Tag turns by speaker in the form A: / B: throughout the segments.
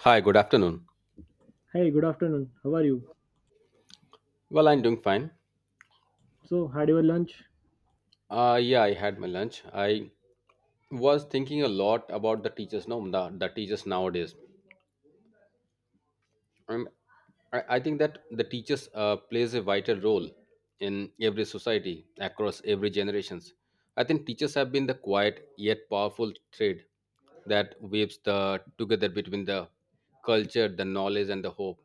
A: Hi, good afternoon.
B: Hey, good afternoon. How are you?
A: Well, I'm doing fine.
B: So, had your lunch?
A: Yeah, I had my lunch. I was thinking a lot about the teachers, no, the teachers nowadays. Um, I think that the teachers plays a vital role in every society across every generations. I think teachers have been the quiet yet powerful thread that weaves the together between the culture, the knowledge, and the hope.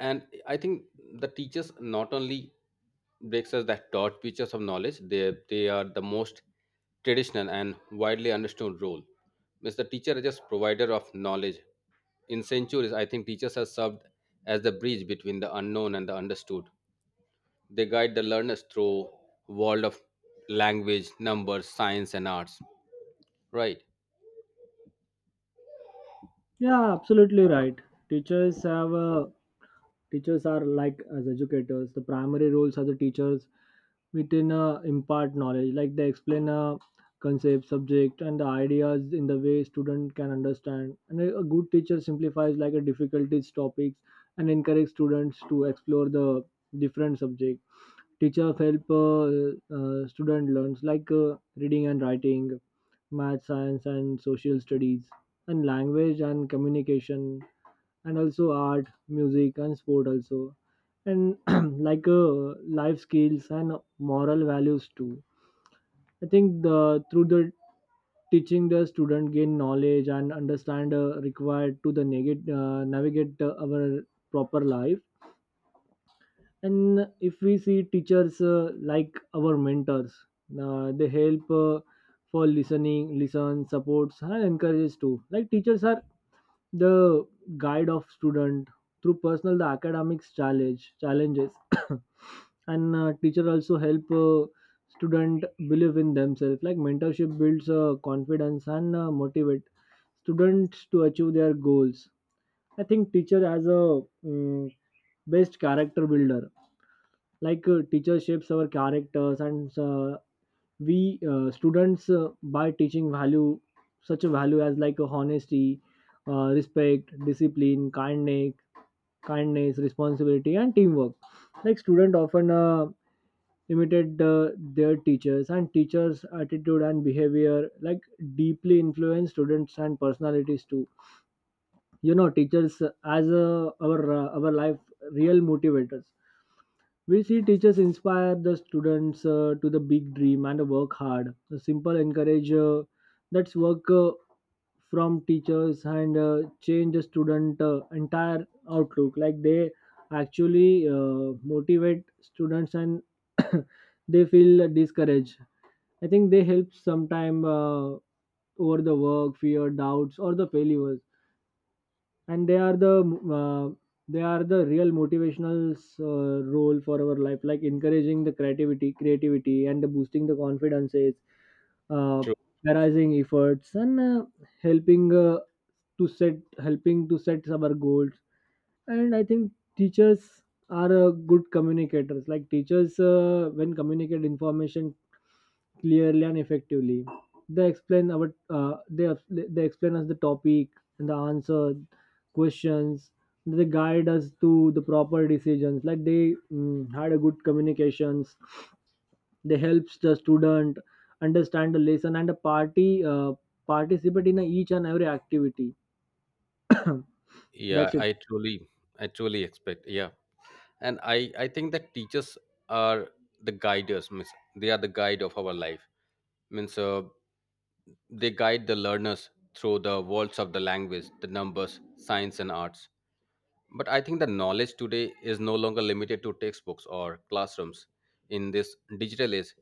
A: And I think the teachers not only breaks us that taught teachers of knowledge, they are the most traditional and widely understood role means the teacher is just provider of knowledge. In centuries, I think teachers have served as the bridge between the unknown and the understood. They guide the learners through world of language, numbers, science, and arts, right?
B: Yeah, absolutely right. Teachers have teachers are like as educators. The primary roles as the teachers within impart knowledge, like they explain a concept, subject, and the ideas in the way student can understand. And a good teacher simplifies like a difficulties topics and encourage students to explore the different subject. Teacher help student learns like reading and writing, math, science, and social studies, and language and communication, and also art, music, and sport also. And like life skills and moral values too. I think the through the teaching, the student gain knowledge and understand required to the navigate, our proper life. And if we see teachers like our mentors, they help for listen supports and encourages too. Like teachers are the guide of student through personal the academics challenges and teacher also help student believe in themselves, like mentorship builds confidence and motivate students to achieve their goals. I think teacher as a best character builder. Like teacher shapes our characters, and we students by teaching value, such a value as like honesty, respect, discipline, kindness, responsibility, and teamwork. Like student often imitate their teachers, and teachers attitude and behavior like deeply influence students and personalities too. You know teachers as our life real motivators. We see teachers inspire the students to the big dream and work hard. A simple encourage that's work from teachers and change the student entire outlook. Like they actually motivate students and they feel discouraged. I think they help sometime over the work, fear, doubts, or the failures, and they are the uh, real motivational role for our life, like encouraging the creativity and the boosting the confidences, uh,
A: True.
B: prioritizing efforts, and helping to set our goals. And I think teachers are good communicators. Like teachers, when communicate information clearly and effectively, they explain our they explain us the topic and the answer questions. They guide us to the proper decisions. Like they had a good communications. They helps the student understand the lesson and the party participate in each and every activity.
A: Yeah,
B: That's it.
A: I truly, I truly expect, yeah. And I think that teachers are the guiders means they are the guide of our life means they guide the learners through the worlds of the language, the numbers, science, and arts. But I think the knowledge today is no longer limited to textbooks or classrooms. In this digital age,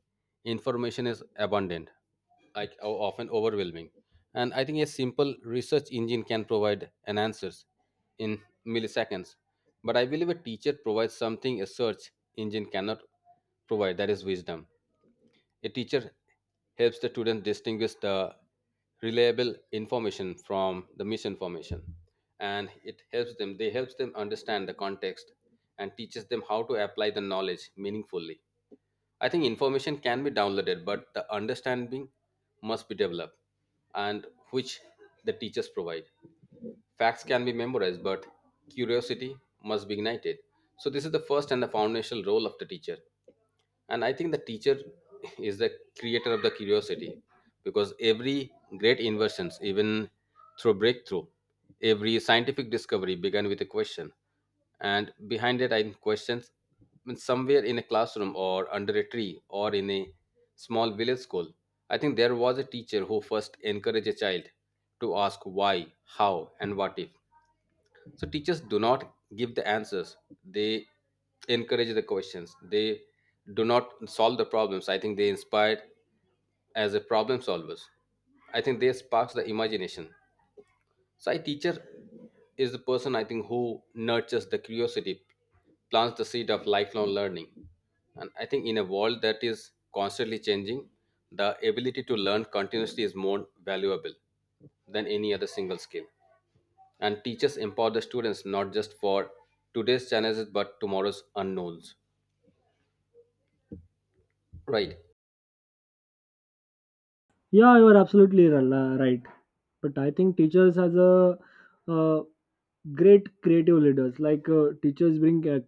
A: information is abundant, like often overwhelming. And I think a simple research engine can provide an answers in milliseconds. But I believe a teacher provides something a search engine cannot provide, that is wisdom. A teacher helps the student distinguish the reliable information from the misinformation, and it helps them, they helps them understand the context and teaches them how to apply the knowledge meaningfully. I think information can be downloaded, but the understanding must be developed, and which the teachers provide. Facts can be memorized, but curiosity must be ignited. So, this is the first and the foundational role of the teacher. And I think the teacher is the creator of the curiosity, because every great inventions, even through breakthrough, every scientific discovery began with a question. And behind it, I think questions mean, somewhere in a classroom or under a tree or in a small village school, I think there was a teacher who first encouraged a child to ask why, how, and what if. So teachers do not give the answers, they encourage the questions. They do not solve the problems, I think they inspired as a problem solvers. I think they sparks the imagination. So a teacher is the person, I think, who nurtures the curiosity, plants the seed of lifelong learning. And I think in a world that is constantly changing, the ability to learn continuously is more valuable than any other single skill. And teachers empower the students not just for today's challenges but tomorrow's unknowns, right?
B: Yeah, you are absolutely right. But I think teachers as a uh, great creative leaders. Like teachers bring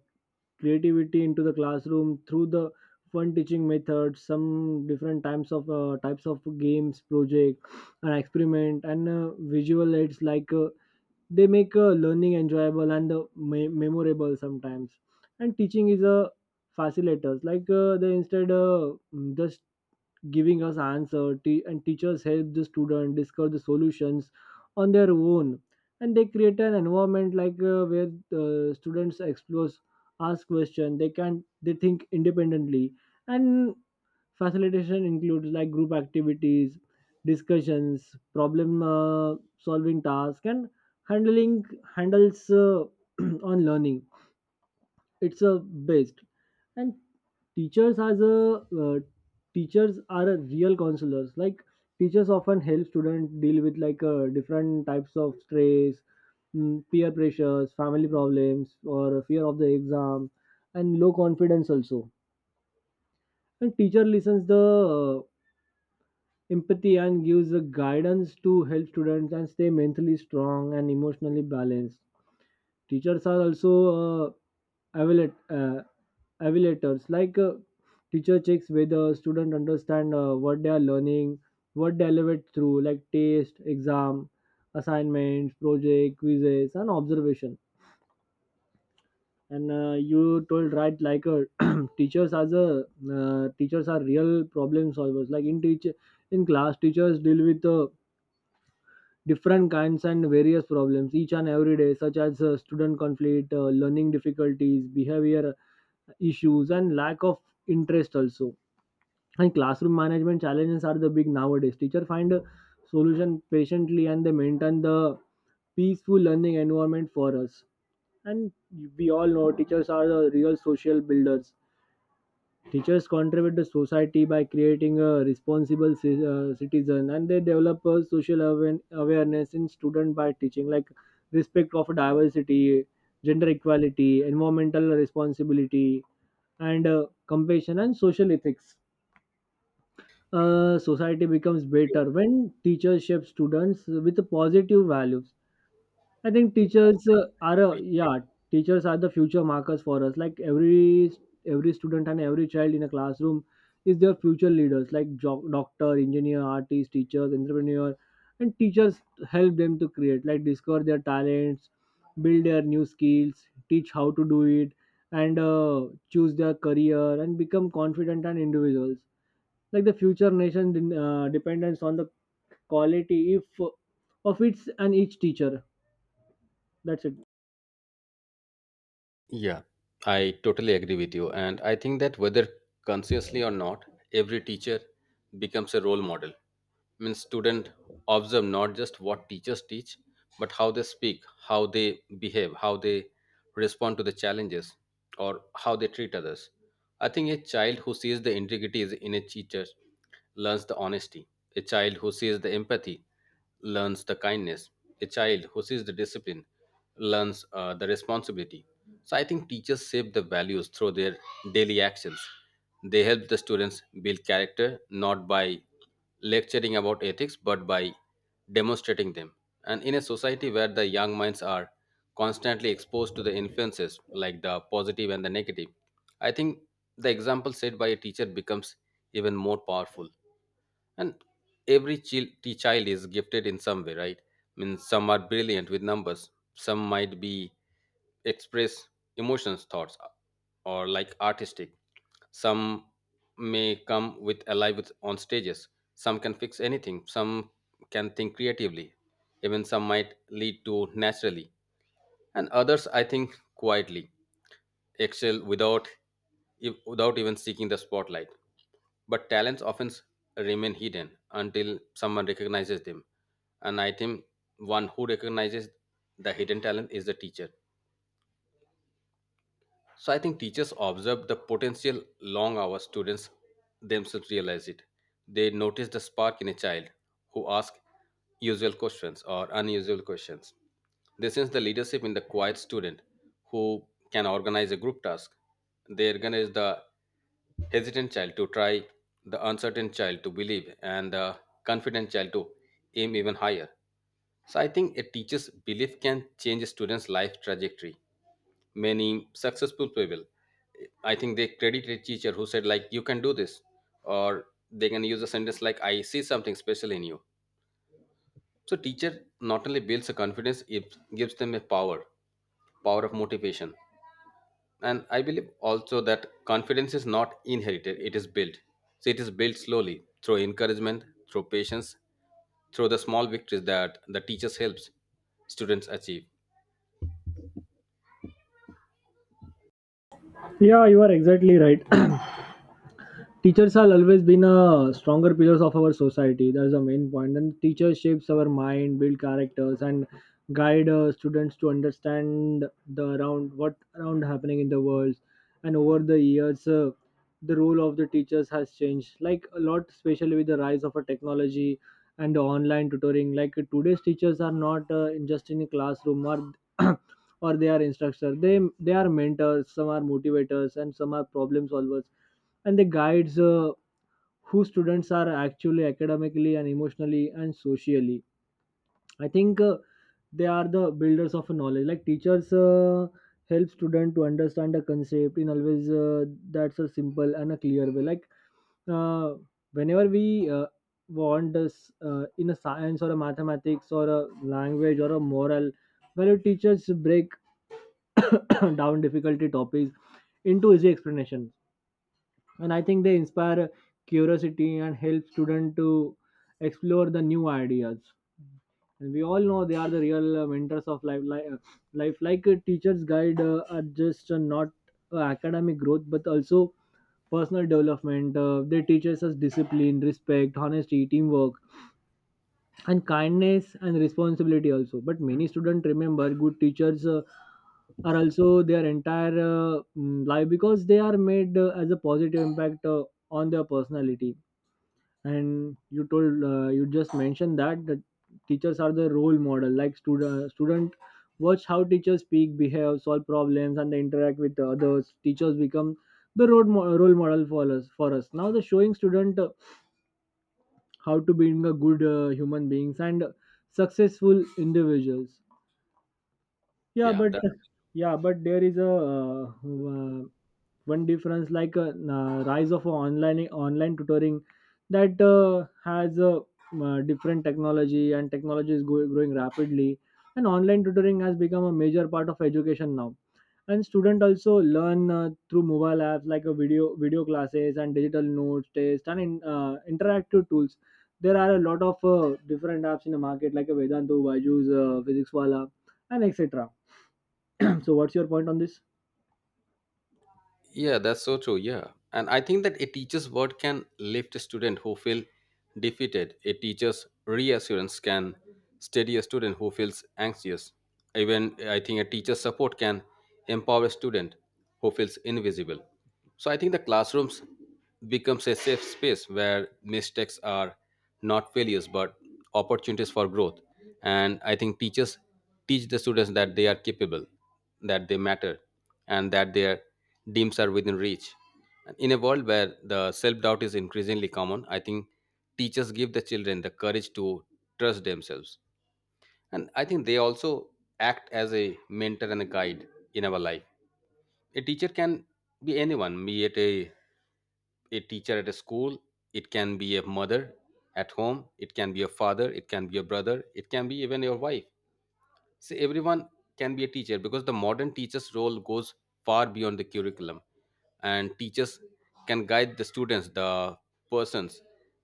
B: creativity into the classroom through the fun teaching methods, some different types of games, project, and experiment, and visual aids. Like they make learning enjoyable and memorable sometimes. And teaching is a facilitators. Like they instead just giving us answer, and teachers help the student discover the solutions on their own. And they create an environment like where the students explore, ask questions, they can they think independently. And facilitation includes like group activities, discussions, problem solving task, and handling handles on learning, it's a based. And teachers as a teachers are a real counselors. Like teachers often help students deal with like different types of stress, peer pressures, family problems, or fear of the exam, and low confidence also. And teacher listens the uh, empathy and gives the guidance to help students and stay mentally strong and emotionally balanced. Teachers are also uh, evaluate, uh, evaluators. Like teacher checks whether student understand what they are learning, what they elevate through, like test, exam, assignments, project, quizzes, and observation. And you told right, like teachers as a teachers are real problem solvers. Like in class, teachers deal with different kinds and various problems each and every day, such as student conflict, learning difficulties, behavior issues, and lack of interest also. And classroom management challenges are the big nowadays. Teacher find a solution patiently, and they maintain the peaceful learning environment for us. And we all know teachers are the real social builders. Teachers contribute to society by creating a responsible citizen, and they develop a social awareness in students by teaching like respect of diversity, gender equality, environmental responsibility, and compassion and social ethics. Society becomes better when teachers shape students with positive values. I think
A: True.
B: teachers are a, yeah, teachers are the future markers for us. Like every student and every child in a classroom is their future leaders, like doctor, engineer, artist, teachers, entrepreneur, and teachers help them to create, like discover their talents, build their new skills, teach how to do it, and choose their career and become confident and individuals. Like the future nation depends on the quality if of its and each teacher. That's it.
A: Yeah, I totally agree with you. And I think that whether consciously or not, every teacher becomes a role model means student observe not just what teachers teach, but how they speak, how they behave, how they respond to the challenges, or how they treat others. I think a child who sees the integrity is in a teacher learns the honesty. A child who sees the empathy learns the kindness. A child who sees the discipline learns the responsibility. So I think teachers shape the values through their daily actions. They help the students build character not by lecturing about ethics but by demonstrating them. And in a society where the young minds are constantly exposed to the influences like the positive and the negative, I think the example set by a teacher becomes even more powerful. And every child is gifted in some way, right? I mean, some are brilliant with numbers, some might be express emotions, thoughts, or like artistic. Some may come with alive with on stages. Some can fix anything. Some can think creatively. Even some might lead to naturally, and others, I think, quietly excel without without even seeking the spotlight. But talents often remain hidden until someone recognizes them. And I think one who recognizes the hidden talent is the teacher. So I think teachers observe the potential long hours students themselves realize it. They notice the spark in a child who asks usual questions or unusual questions. They sense the leadership in the quiet student who can organize a group task. They organize the hesitant child to try, the uncertain child to believe, and the confident child to aim even higher. So I think a teacher's belief can change a student's life trajectory. Many successful people, I think they credit a teacher who said like you can do this, or they can use a sentence like I see something special in you. So teacher not only builds a confidence, it gives them a power, power of motivation. And I believe also that confidence is not inherited, it is built. So it is built slowly through encouragement, through patience, through the small victories that the teachers helps students achieve.
B: Yeah, you are exactly right. Teachers have always been a stronger pillars of our society. That's the main point. And teacher shapes our mind, build characters, and guide students to understand the around what around happening in the world. And over the years, the role of the teachers has changed like a lot, especially with the rise of a technology and the online tutoring. Like today's teachers are not just in a classroom or or they are instructors. They are mentors. Some are motivators, and some are problem solvers, and they guides who students are actually academically and emotionally and socially. I think they are the builders of knowledge. Like teachers help student to understand a concept in always that's a simple and a clear way, like uh, whenever we want us in a science or a mathematics or a language or a moral, where teachers break down difficulty topics into easy explanation. And I think they inspire curiosity and help students to explore the new ideas. And we all know they are the real mentors of life, like a teacher's guide are just not academic growth but also personal development. Uh, they teach us discipline, respect, honesty, teamwork, and kindness, and responsibility also. But many students remember good teachers are also their entire life because they are made as a positive impact on their personality. And you told you just mentioned that the teachers are the role model. Like student watch how teachers speak, behave, solve problems, and they interact with others. Teachers become the role model for us now, the showing student how to being a good human beings and successful individuals. Yeah,
A: Yeah.
B: but yeah, but there is a uh, one difference, like rise of online tutoring. That has a different technology, and technology is growing rapidly. And online tutoring has become a major part of education now. And student also learn through mobile apps like a video classes and digital notes test and in, interactive tools. There are a lot of different apps in the market, like a Vedantu, Byju's, Physics Wala, and etc. So what's your point on this?
A: Yeah, that's so true. Yeah. And I think that a teacher's word can lift a student who feel defeated. A teacher's reassurance can steady a student who feels anxious. Even I think a teacher's support can empower a student who feels invisible. So I think the classrooms becomes a safe space where mistakes are not failures but opportunities for growth. And I think teachers teach the students that they are capable, that they matter, and that their dreams are within reach. And in a world where the self doubt is increasingly common, I think teachers give the children the courage to trust themselves. And I think they also act as a mentor and a guide in our life. A teacher can be anyone, be it a teacher at a school, it can be a mother at home, it can be a father, it can be a brother, it can be even your wife. See, everyone can be a teacher because the modern teacher's role goes far beyond the curriculum, and teachers can guide the students, the persons,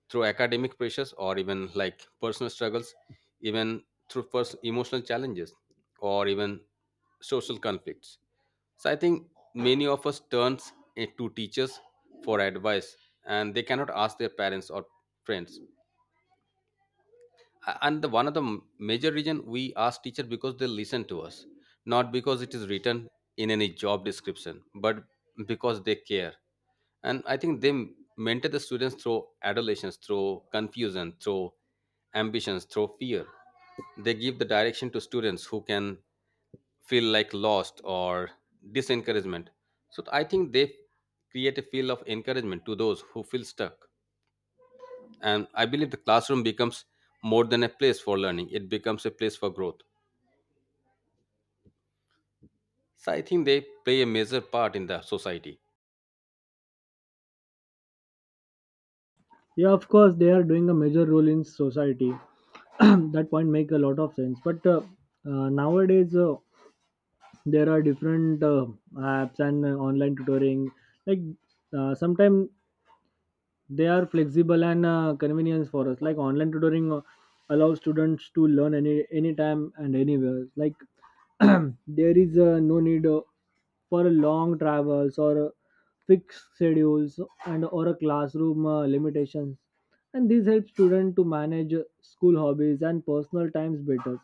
A: through academic pressures or even like personal struggles, even through first emotional challenges or even social conflicts. So I think many of us turns to teachers for advice, and they cannot ask their parents or friends. And the one of the major reason we ask teacher because they listen to us, not because it is written in any job description, but because they care. And I think they mentor the students through adolescence, through confusion, through ambitions, through fear. They give the direction to students who can feel like lost or disencouragement. So I think they create a feel of encouragement to those who feel stuck. And I believe the classroom becomes more than a place for learning, it becomes a place for growth. So I think they play a major part in the society.
B: Yeah, of course they are doing a major role in society. That point make a lot of sense, but nowadays there are different apps and online tutoring. Like sometimes they are flexible and convenience for us. Like online tutoring allows students to learn anytime and anywhere, like there is no need for long travels or fixed schedules and or a classroom limitations. And this helps students to manage school, hobbies, and personal times better.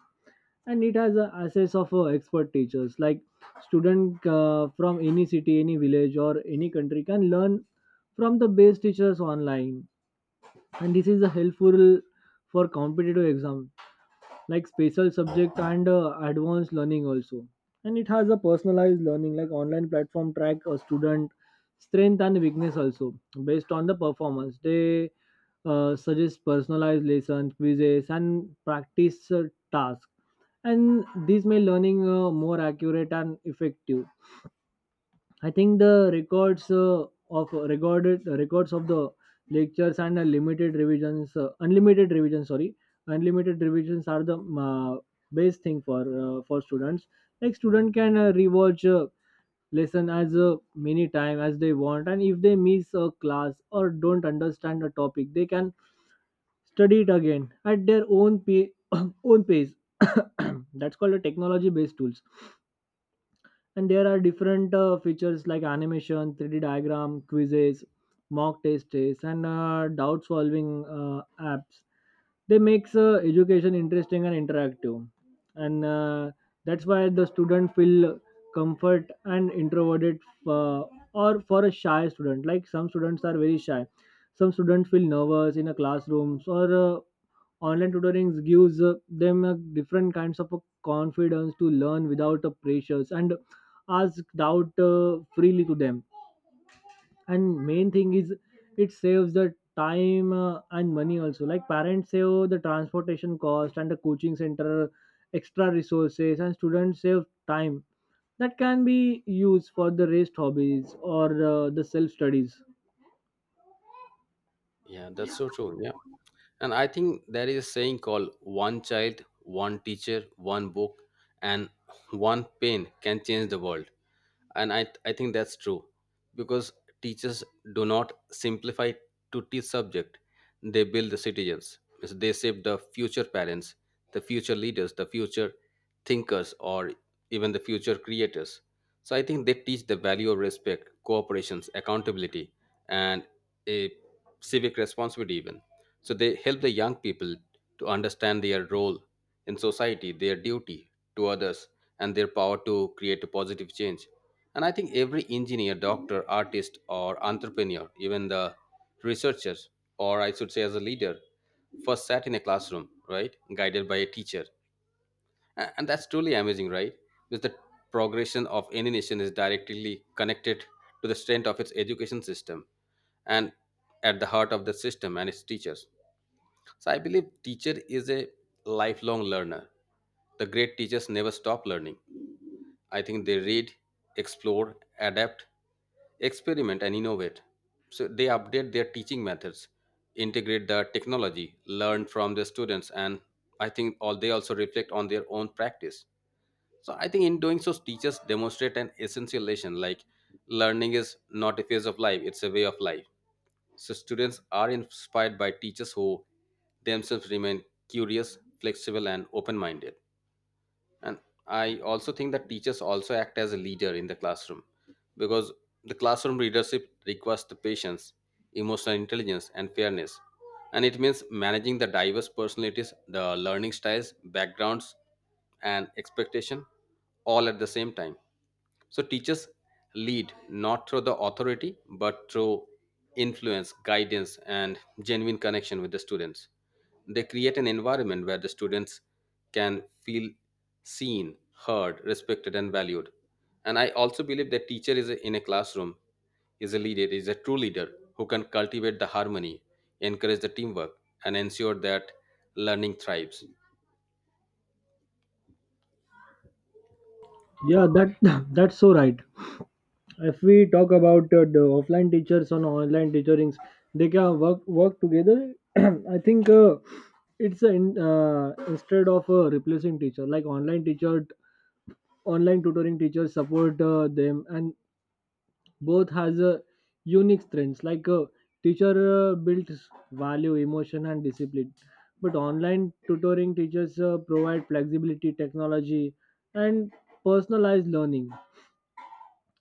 B: And it has a access of expert teachers. Like student from any city, any village, or any country can learn from the best teachers online. And this is helpful for competitive exam, like special subject and advanced learning also. And it has a personalized learning, like online platform track a student strength and weakness also. Based on the performance, they suggest personalized lessons, quizzes, and practice tasks. And these make learning more accurate and effective. I think the records of the lectures, and unlimited revisions, sorry, unlimited revisions are the best thing for students. Like student can rewatch lesson as many time as they want, and if they miss a class or don't understand a topic, they can study it again at their own pace. That's called a technology based tools, and there are different features like animation 3d diagram quizzes mock tests and doubt solving apps. They makes education interesting and interactive, and that's why the student feel comfort and introverted, uh, or for a shy student. Like some students are very shy, some students feel nervous in a classrooms, or online tutoring gives them a different kinds of a confidence to learn without a pressures and asked out freely to them. And main thing is it saves the time and money also, like parents save the transportation cost and the coaching center extra resources, and students save time that can be used for the rest hobbies or the self studies.
A: Yeah, that's so true. Yeah. And I think there is a saying called one child, one teacher, one book, and one pen can change the world. And I think that's true because teachers do not simplify to teach subject. They build the citizens. Means they shape the future parents, the future leaders, the future thinkers, or even the future creators. So I think they teach the value of respect, cooperations, accountability, and a civic responsibility even. So they help the young people to understand their role in society, their duty to others, and their power to create a positive change. And I think every engineer, doctor, artist, or entrepreneur, even the researchers, or I should say as a leader, first sat in a classroom, right, guided by a teacher. And that's truly amazing, right? Because the progression of any nation is directly connected to the strength of its education system, and at the heart of the system and its teachers. So I believe teacher is a lifelong learner. The great teachers never stop learning. I think they read, explore, adapt, experiment, and innovate. So they update their teaching methods, integrate the technology, learn from their students, and I think all they also reflect on their own practice. So I think in doing so, teachers demonstrate an essential lesson like learning is not a phase of life, it's a way of life. So students are inspired by teachers who themselves remain curious, flexible, and open minded. And I also think that teachers also act as a leader in the classroom because the classroom leadership requires the patience, emotional intelligence, and fairness. And it means managing the diverse personalities, the learning styles, backgrounds, and expectation all at the same time. So teachers lead not through the authority, but through influence, guidance, and genuine connection with the students. They create an environment where the students can feel seen, heard, respected, and valued. And I also believe that teacher is a, in a classroom is a leader, is a true leader who can cultivate the harmony, encourage the teamwork, and ensure that learning thrives.
B: Yeah, that that's so right. If we talk about the offline teachers and online teachings, they can work together. I think it's instead of replacing teacher. Like online teacher, online tutoring teachers support them, and both has a unique strengths. Like teacher builds value emotion and discipline, but online tutoring teachers provide flexibility technology and personalized learning.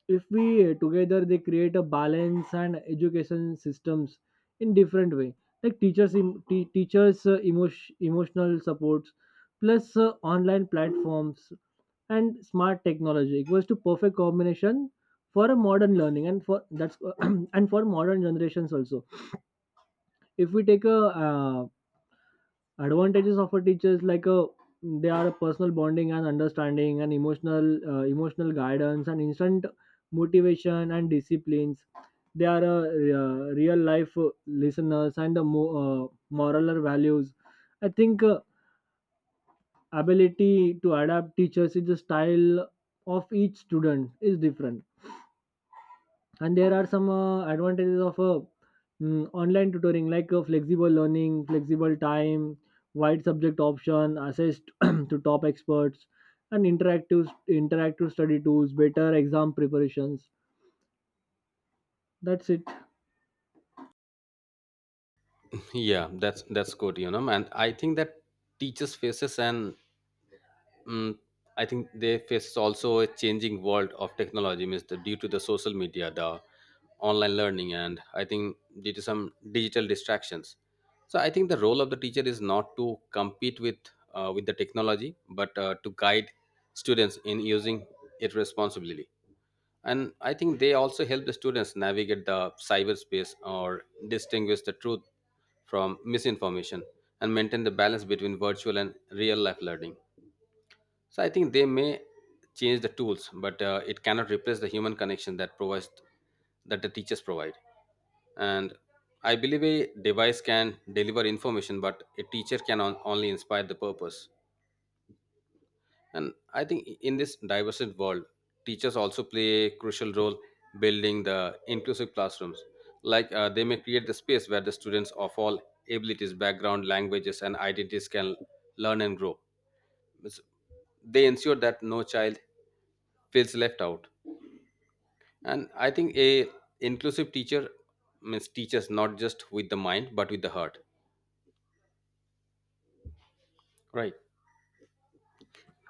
B: If we together, they create a balance and education systems in different way. Like teachers emotion, emotional supports plus online platforms and smart technology equals to perfect combination for a modern learning, and for that's and for modern generations also. If we take a advantages of a teacher is like a, they are a personal bonding and understanding and emotional guidance and instant motivation and disciplines. They are real life listeners and the moral or values. I think ability to adapt teachers is the style of each student is different. And there are some advantages of online tutoring, like flexible learning, flexible time, wide subject option, access to top experts, and interactive study tools, better exam preparations. That's it.
A: Yeah, that's good, you know. And I think that teachers faces an— Mm, I think they face also a changing world of technology, means the, due to the social media, the online learning, and I think due to some digital distractions. So I think the role of the teacher is not to compete with the technology, but to guide students in using it responsibly. And I think they also help the students navigate the cyberspace or distinguish the truth from misinformation and maintain the balance between virtual and real life learning. So I think they may change the tools, but it cannot replace the human connection that provides that the teachers provide. And I believe a device can deliver information, but a teacher can only inspire the purpose. And I think in this diverse world, teachers also play a crucial role building the inclusive classrooms. Like they may create the space where the students of all abilities, background, languages, and identities can learn and grow. It's- They ensure that no child feels left out. And I think a inclusive teacher means teachers not just with the mind but with the heart, right?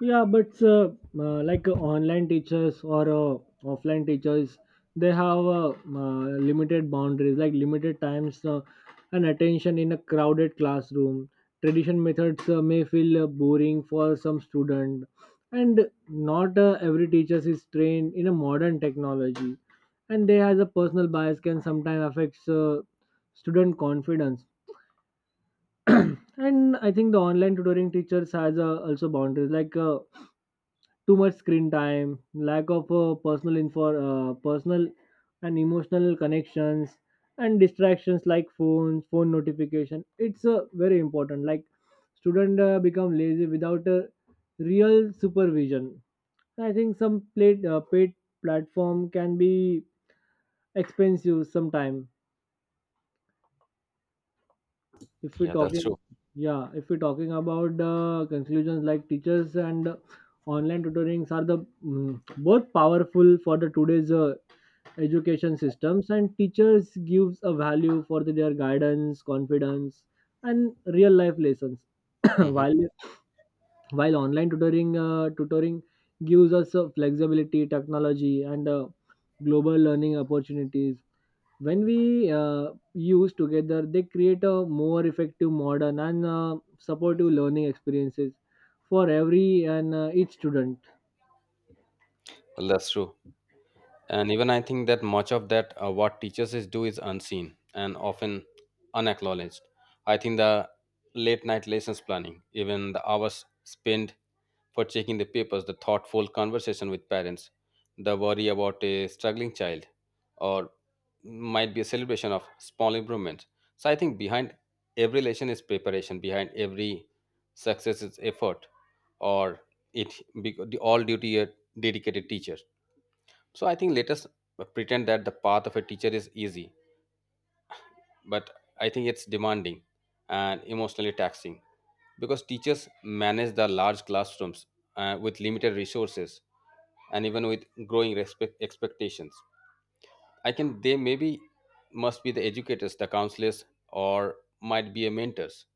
B: Yeah, but like online teachers or offline teachers, they have limited boundaries, like limited times and attention in a crowded classroom. Tradition methods may feel boring for some student, and not every teacher is trained in a modern technology, and they has a personal bias can sometimes affects student confidence. And I think the online tutoring teachers has also boundaries, like too much screen time, lack of personal and emotional connections, and distractions like phone notification. It's very important, like student become lazy without a real supervision. I think some paid platform can be expensive sometime. If we're
A: Yeah, that's
B: talking,
A: true.
B: yeah, if we're talking about the conclusions, like teachers and online tutorings are the, mm, both powerful for the today's education systems. And teachers gives a value for the, their guidance, confidence and real life lessons,
A: Hmm.
B: while online tutoring gives us flexibility, technology, and global learning opportunities. When we use together, they create a more effective, modern, and supportive learning experiences for every and each student.
A: Well, that's true. And even I think that much of that what teachers is do is unseen and often unacknowledged. I think the late night lessons planning, even the hours spent for checking the papers, the thoughtful conversation with parents, the worry about a struggling child, or might be a celebration of small improvements. So I think behind every lesson is preparation, behind every success is effort, or it all duty a dedicated teacher. So I think let us pretend that the path of a teacher is easy, but I think it's demanding and emotionally taxing because teachers manage the large classrooms with limited resources and even with growing respect expectations. I can they maybe must be the educators, the counselors, or might be a mentors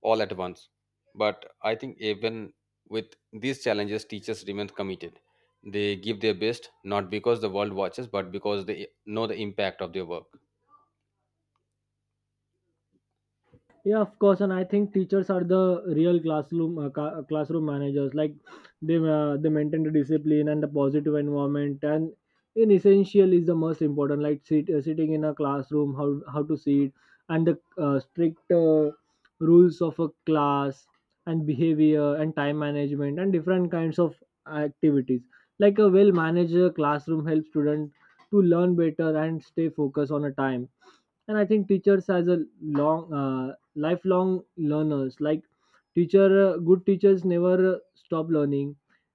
A: all at once. But I think even with these challenges, teachers remain committed. They give their best, not because the world watches, but because they know the impact of their work.
B: Yeah, of course. And I think teachers are the real classroom classroom managers. Like they maintain the discipline and the positive environment, and in essential is the most important, like sitting in a classroom, how to sit, and the strict rules of a class and behavior and time management and different kinds of activities. Like a well managed classroom helps students to learn better and stay focused on a time. And I think teachers has a long lifelong learners. Like teacher good teachers never stop learning.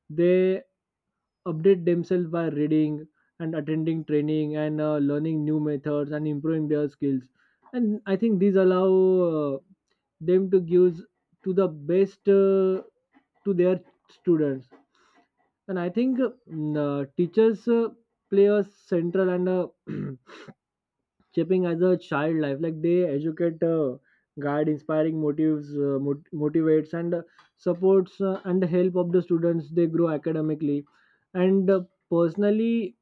B: They update themselves by reading and attending training and learning new methods and improving their skills. And I think these allow uh, them to give to the best to their students. And I think teachers play a central and a shaping as a child life. Like they educate, guide, inspiring, motivates, and supports, and help of the students they grow academically and personally.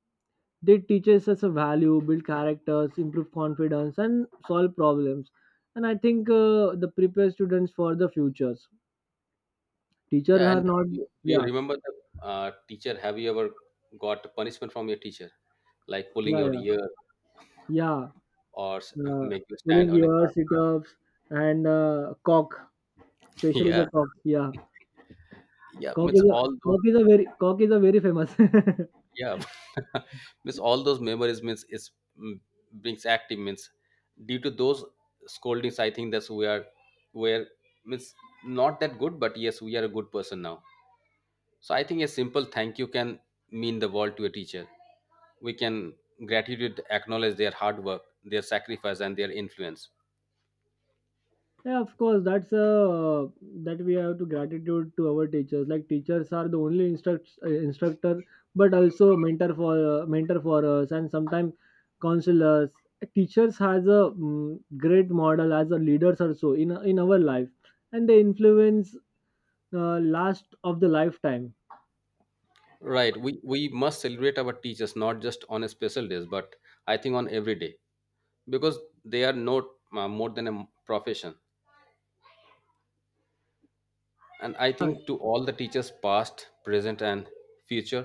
B: They teaches us a value, build characters, improve confidence, and solve problems. And I think the prepare students for the futures. Teachers
A: Yeah,
B: are
A: and
B: not.
A: do you
B: Yeah,
A: remember the teacher? Have you ever got punishment from your teacher, like pulling
B: yeah.
A: your
B: Yeah.
A: ear
B: Yeah.
A: or
B: uh,
A: make you stand
B: Pulling
A: on a
B: your
A: class?
B: sit-ups and cock, especially
A: Yeah,
B: the cock, yeah.
A: yeah.
B: Coke
A: It's
B: is a
A: all those—
B: Coke is a very famous.
A: Yeah. Means all those memories means it's, mm, brings active means due to those scoldings. I think that's we are where means not that good, but yes, we are a good person now. So I think a simple thank you can mean the world to a teacher. We can gratitude acknowledge their hard work, their sacrifice, and their influence.
B: Yeah, of course. That's uh, that we have to gratitude to our teachers. Like teachers are the only instructor, but also mentor for us, and sometimes counselors. Teachers has a, mm, great model as a leaders also in our life, and they influence last of the lifetime.
A: Right. We must celebrate our teachers not just on a special days, but I think on every day because they are not more than a profession. And I think to all the teachers past present and future,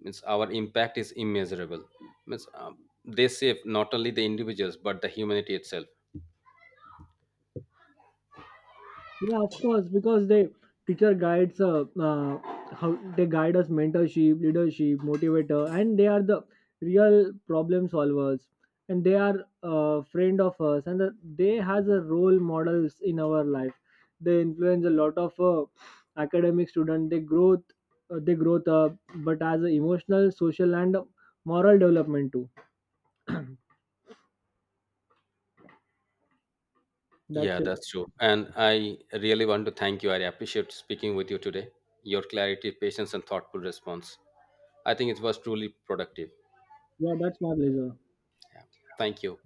A: means our impact is immeasurable, means they save not only the individuals but the humanity itself.
B: Yeah, of course, because they teacher guides how they guide us: mentorship, leadership, motivator, and they are the real problem solvers, and they are a friend of us, and they has a role models in our life. They influence a lot of academic student. They growth up, but as a emotional, social, and moral development too.
A: Yeah,
B: That's it.
A: that's true, and I really want to thank you. I appreciate speaking with you today. Your clarity, patience and thoughtful response, I think it was truly productive.
B: Yeah, that's my pleasure.
A: Thank you.